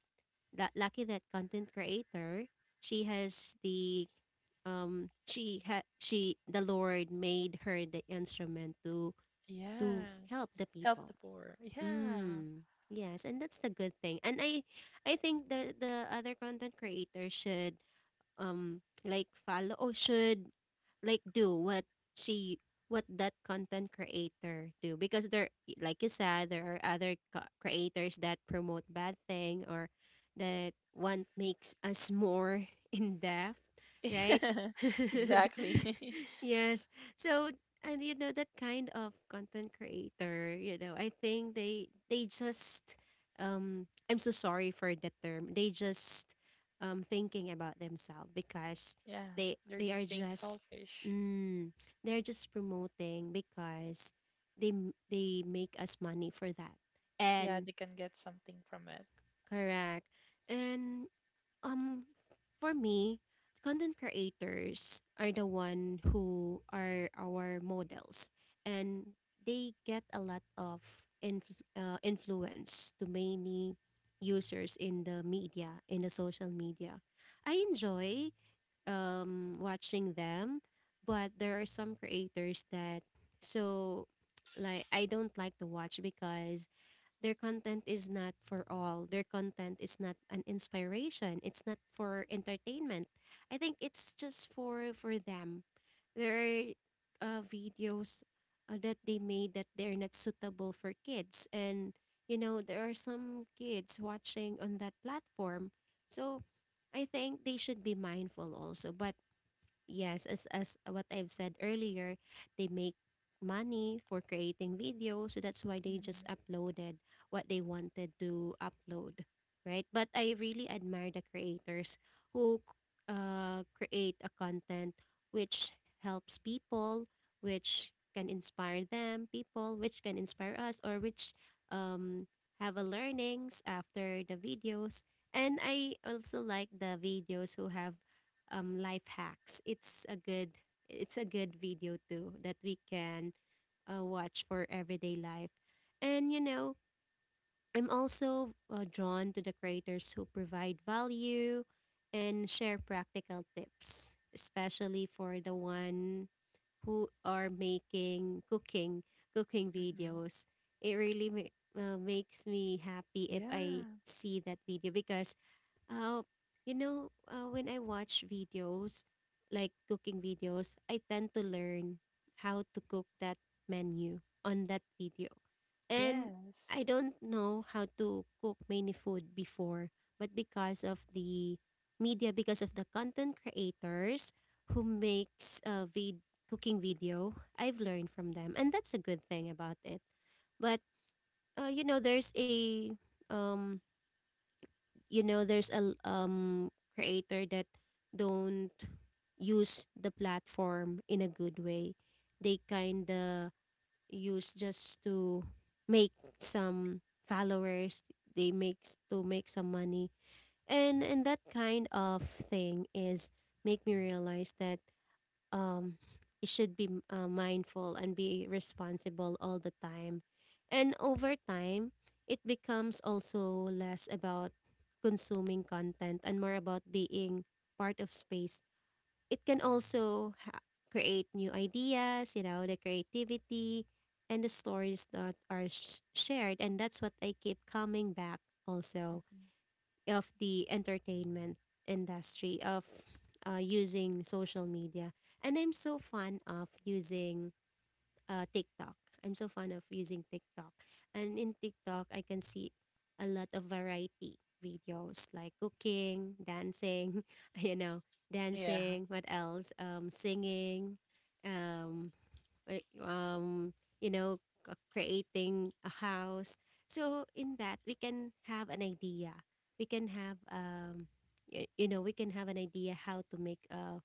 that lucky that content creator, she has the she had she the Lord made her the instrument to Yes, help the help the people. poor. Yeah, Mm. Yes, and that's the good thing. And I think the other content creators should like follow, or should like do what she what that content creator do, because there, like you said, there are other creators that promote bad thing, or that want makes us more in depth, right? exactly. Yes. So, and you know that kind of content creator, you know, I think they just I'm so sorry for the term. They just thinking about themselves, because Yeah, they they're they are just being just selfish. mm, they're just promoting because they make us money for that. Yeah, And they can get something from it. correct. And um, for me, content creators are the one who are our models, and they get a lot of influence to many users in the media, in the social media. I enjoy watching them, but there are some creators that, so, like, I don't like to watch because their content is not for all. Their content is not an inspiration. It's not for entertainment. I think it's just for them. There are videos that they made that they're not suitable for kids, and you know there are some kids watching on that platform. So I think they should be mindful also. But yes, as what I've said earlier, they make money for creating video, so that's why they just Mhm. uploaded what they wanted to upload, right? But I really admire the creators who create a content which helps people, which can inspire them, people which can inspire us, or which um have a learnings after the videos. And I also like the videos who have life hacks. It's a good video too that we can watch for everyday life. And you know, I'm also drawn to the creators who provide value and share practical tips, especially for the one who are making cooking Mm-hmm. videos. It really makes me happy if I Yeah. see that video, because uh, you know, when I watch videos, like cooking videos, I tend to learn how to cook that menu on that video. And I Yes. don't know how to cook many food before, but because of the media, because of the content creators who makes a cooking video, I've learned from them. And that's a good thing about it. But, you know, there's a um, you know there's a creator that don't use the platform in a good way. They kind of use just to make some followers, to make some money. And that kind of thing is make me realize that um, you should be mindful and be responsible all the time. And over time, it becomes also less about consuming content and more about being part of space. It can also create new ideas, you know, the creativity and the stories that are shared. And that's what I keep coming back also Mm-hmm. of the entertainment industry of using social media. And I'm so fan of using TikTok. I'm so fan of using TikTok. And in TikTok, I can see a lot of variety videos like cooking, dancing, you know, Yeah, dancing, what else? Singing, um, like, you know, creating a house. So in that we can have an idea. We can have you know, we can have an idea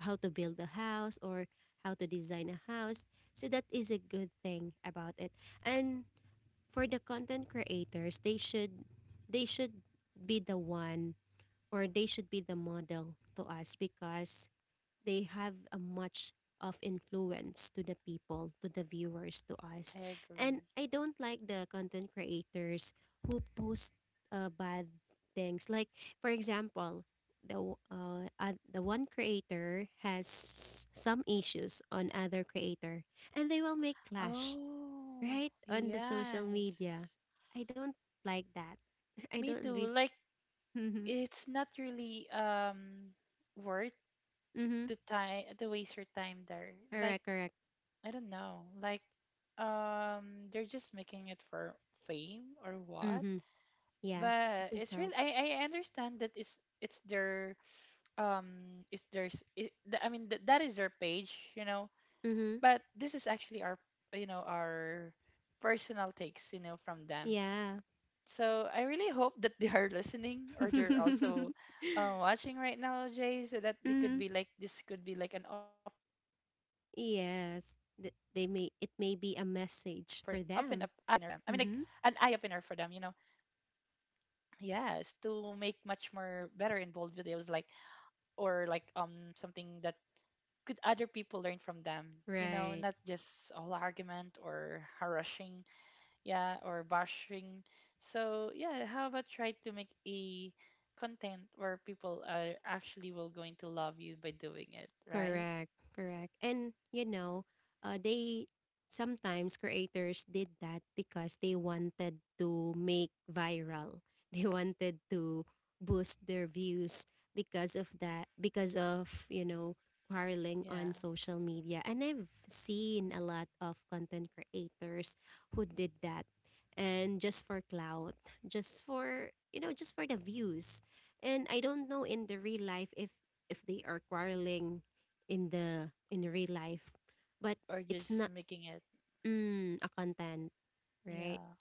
how to build a house, or how to design a house. So that is a good thing about it. And for the content creators, they should be the one, or they should be the model to us, because they have a much of influence to the people, to the viewers, to us. I And agree. I don't like the content creators who post bad things. Like for example, the one creator has some issues on other creator, and they will make clash Oh, right on the social yes. media. I don't like that. I Me don't really. too. Like, Mm-hmm. it's not really worth Mm-hmm. the time to waste your time there. Like, Correct. Correct. I don't know. Like, they're just making it for fame or what? Mm-hmm. Yes, I But think it's real. so. I understand that it's their it's their I mean that is their page, you know. Mm-hmm. But this is actually our, you know, our personal takes, you know, from them. Yeah. So I really hope that they are listening, or they're also, watching right now, Jay, so that they could Hmm. be like, this could be like an open up eye opener for them, I Yes. mean like Th- an they eye may opener it for may them, be you a know. message for them. Mm-hmm. Yes, to make much more better and bold videos like, or like, something that could other people learn from them, you know, not Right. just all argument or harassing, yeah, or bashing. So yeah, how about try to make a content where people are actually will going to love you by doing it, right? Correct, correct. And you know, they sometimes creators did that because they wanted to make viral. They wanted to boost their views because of that, because of, you know, quarreling Yeah. on social media. And I've seen a lot of content creators who did that. And just for clout, just for, you know, just for the views. And I don't know in the real life, if they are quarreling in real life, but Or it's just not, making it. A content, right? Yeah.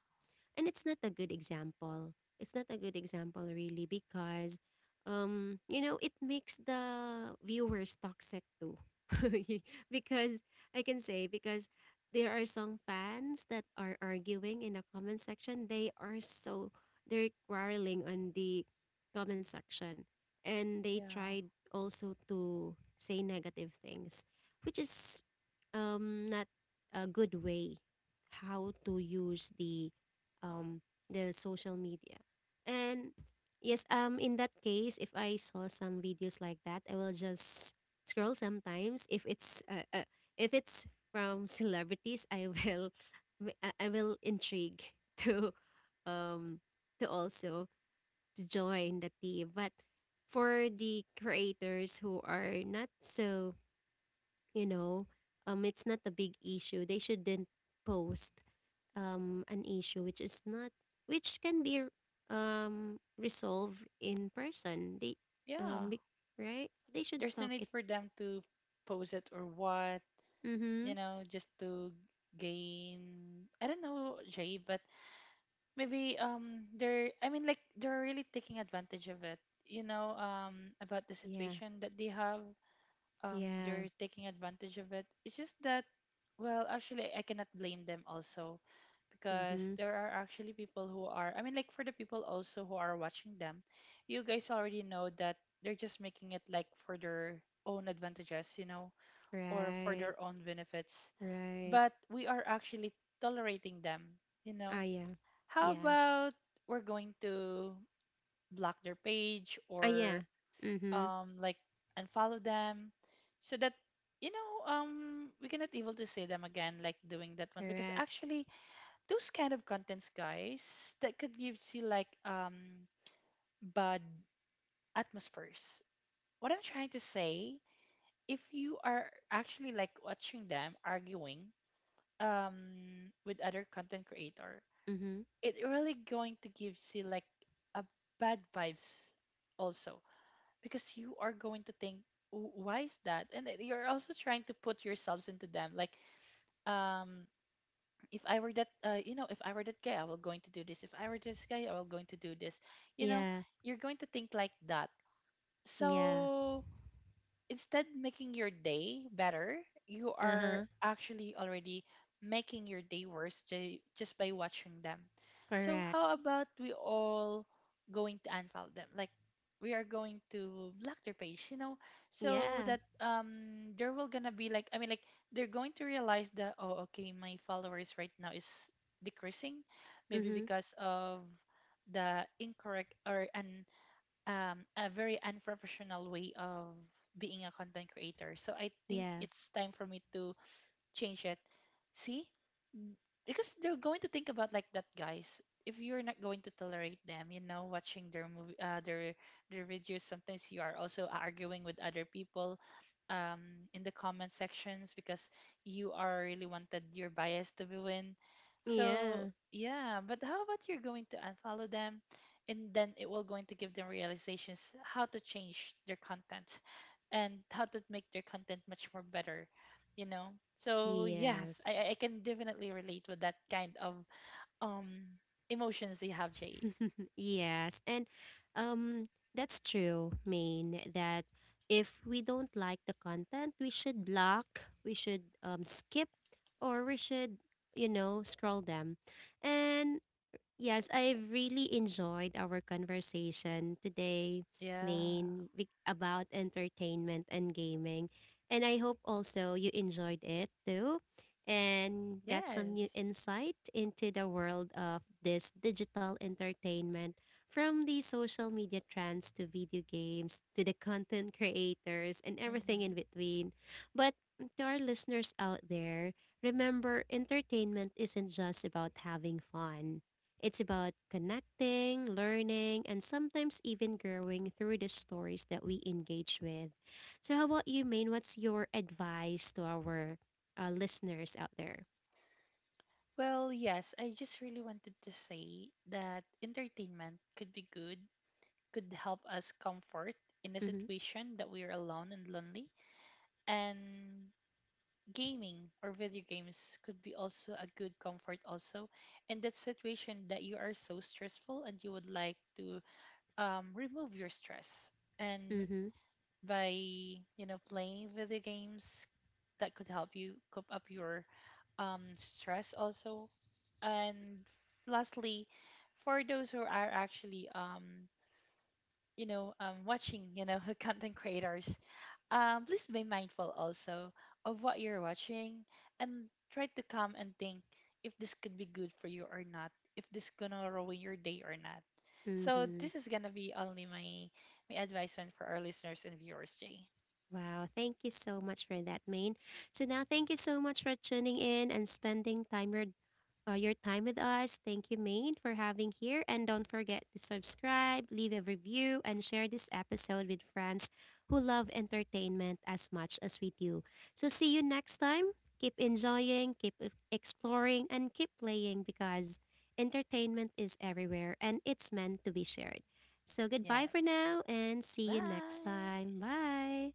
And it's not a good example really, because you know it makes the viewers toxic too. Because I can say, because there are some fans that are arguing in the comment section. They are so, they're quarreling on the comment section. And they Yeah. tried also to say negative things, which is not a good way how to use the um the social media. And yes, in that case, if I saw some videos like that, I will just scroll. Sometimes if it's from celebrities, I will intrigue to um also to join the team. But for the creators who are not so, you know, it's not a big issue. They shouldn't post an issue which is not, which can be resolved in person. They Yeah. um, be- right? They should There's no talk need it. for them to pose it or what, you Mhm. know, just to gain, I don't know, Jay, but maybe they're I mean like they're really taking advantage of it, you know, about the Yeah. situation that they have, they're Yeah. taking advantage of it. It's just that, well, actually, I cannot blame them also, because Mhm. there are actually people who are, I mean like for the people also who are watching them, you guys already know that they're just making it like for their own advantages, you know, or for Right. their own benefits. Right. But we are actually tolerating them, you know. Ah, yeah. How Yeah. about we're going to block their page Ah, yeah. or Mhm. Like unfollow them, so that, you know, we cannot able to see them again like doing that one, because Correct. actually those kind of contents, guys, that could gives you like, bad atmospheres. What I'm trying to say, if you are actually like watching them arguing, with other content creator, Mhm. it really going to gives you like a bad vibes also, because you are going to think, Why is that?" And then you're also trying to put yourselves into them, like, um if I were that you know, if I were that guy I will going to do this, if I were this guy I will going to do this, you know, Yeah. you're going to think like that. Yeah. So instead making your day better, you are Uh-huh. actually already making your day worse, just by watching them. So Correct. how about we all going to unfollow them? Like, we are going to block their page, you know, so that Yeah. There will gonna be like, I mean like they're going to realize that, "Oh, okay, my followers right now is decreasing, maybe Mhm. because of the incorrect or an a very unprofessional way of being a content creator. So I think Yeah. it's time for me to change it." See? N- Because they're going to think about like that, guys. If you're not going to tolerate them, you know, watching their movie, their videos, sometimes you are also arguing with other people, in the comment sections, because you are really wanted your bias to be win. Yeah. So yeah, but how about you're going to unfollow them, and then it will going to give them realizations how to change their content and how to make their content much more better, you know. So yes, Yes. I can definitely relate with that kind of um emotions they have, Jay. Yes, and um, that's true. Mean that if we don't like the content, we should block, we should skip, or we should, you know, scroll them. And yes, I've really enjoyed our conversation today, Yeah. Main, about entertainment and gaming. And I hope also you enjoyed it too, and got some new Yes. insight into the world of this digital entertainment, from the social media trends to video games to the content creators and everything in Mm-hmm. between. But to our listeners out there, remember, entertainment isn't just about having fun. It's about connecting, learning, and sometimes even growing through the stories that we engage with. So, how about you, Maine? What's your advice to our listeners out there? Well, yes, I just really wanted to say that entertainment could be good, could help us comfort in a Mm-hmm, situation that we are alone and lonely, and gaming or video games could be also a good comfort also in that situation that you are so stressful and you would like to remove your stress, and mm-hmm, by, you know, playing video games that could help you cope up your stress also. And lastly, for those who are actually, you know, watching, you know, content creators, please be mindful also of what you're watching, and try to come and think if this could be good for you or not, if this gonna ruin your day or not. So mm-hmm. this is gonna be only my advisement for our listeners and viewers, Jay. Wow, thank you so much for that, Maine. So, now thank you so much for tuning in and spending time your time with us. Thank you, Maine, for having here. And don't forget to subscribe, leave a review, and share this episode with friends who love entertainment as much as we do. So, see you next time. Keep enjoying, keep exploring, and keep playing, because entertainment is everywhere and it's meant to be shared. So, goodbye for Yes. now and see you next Bye. time. Bye.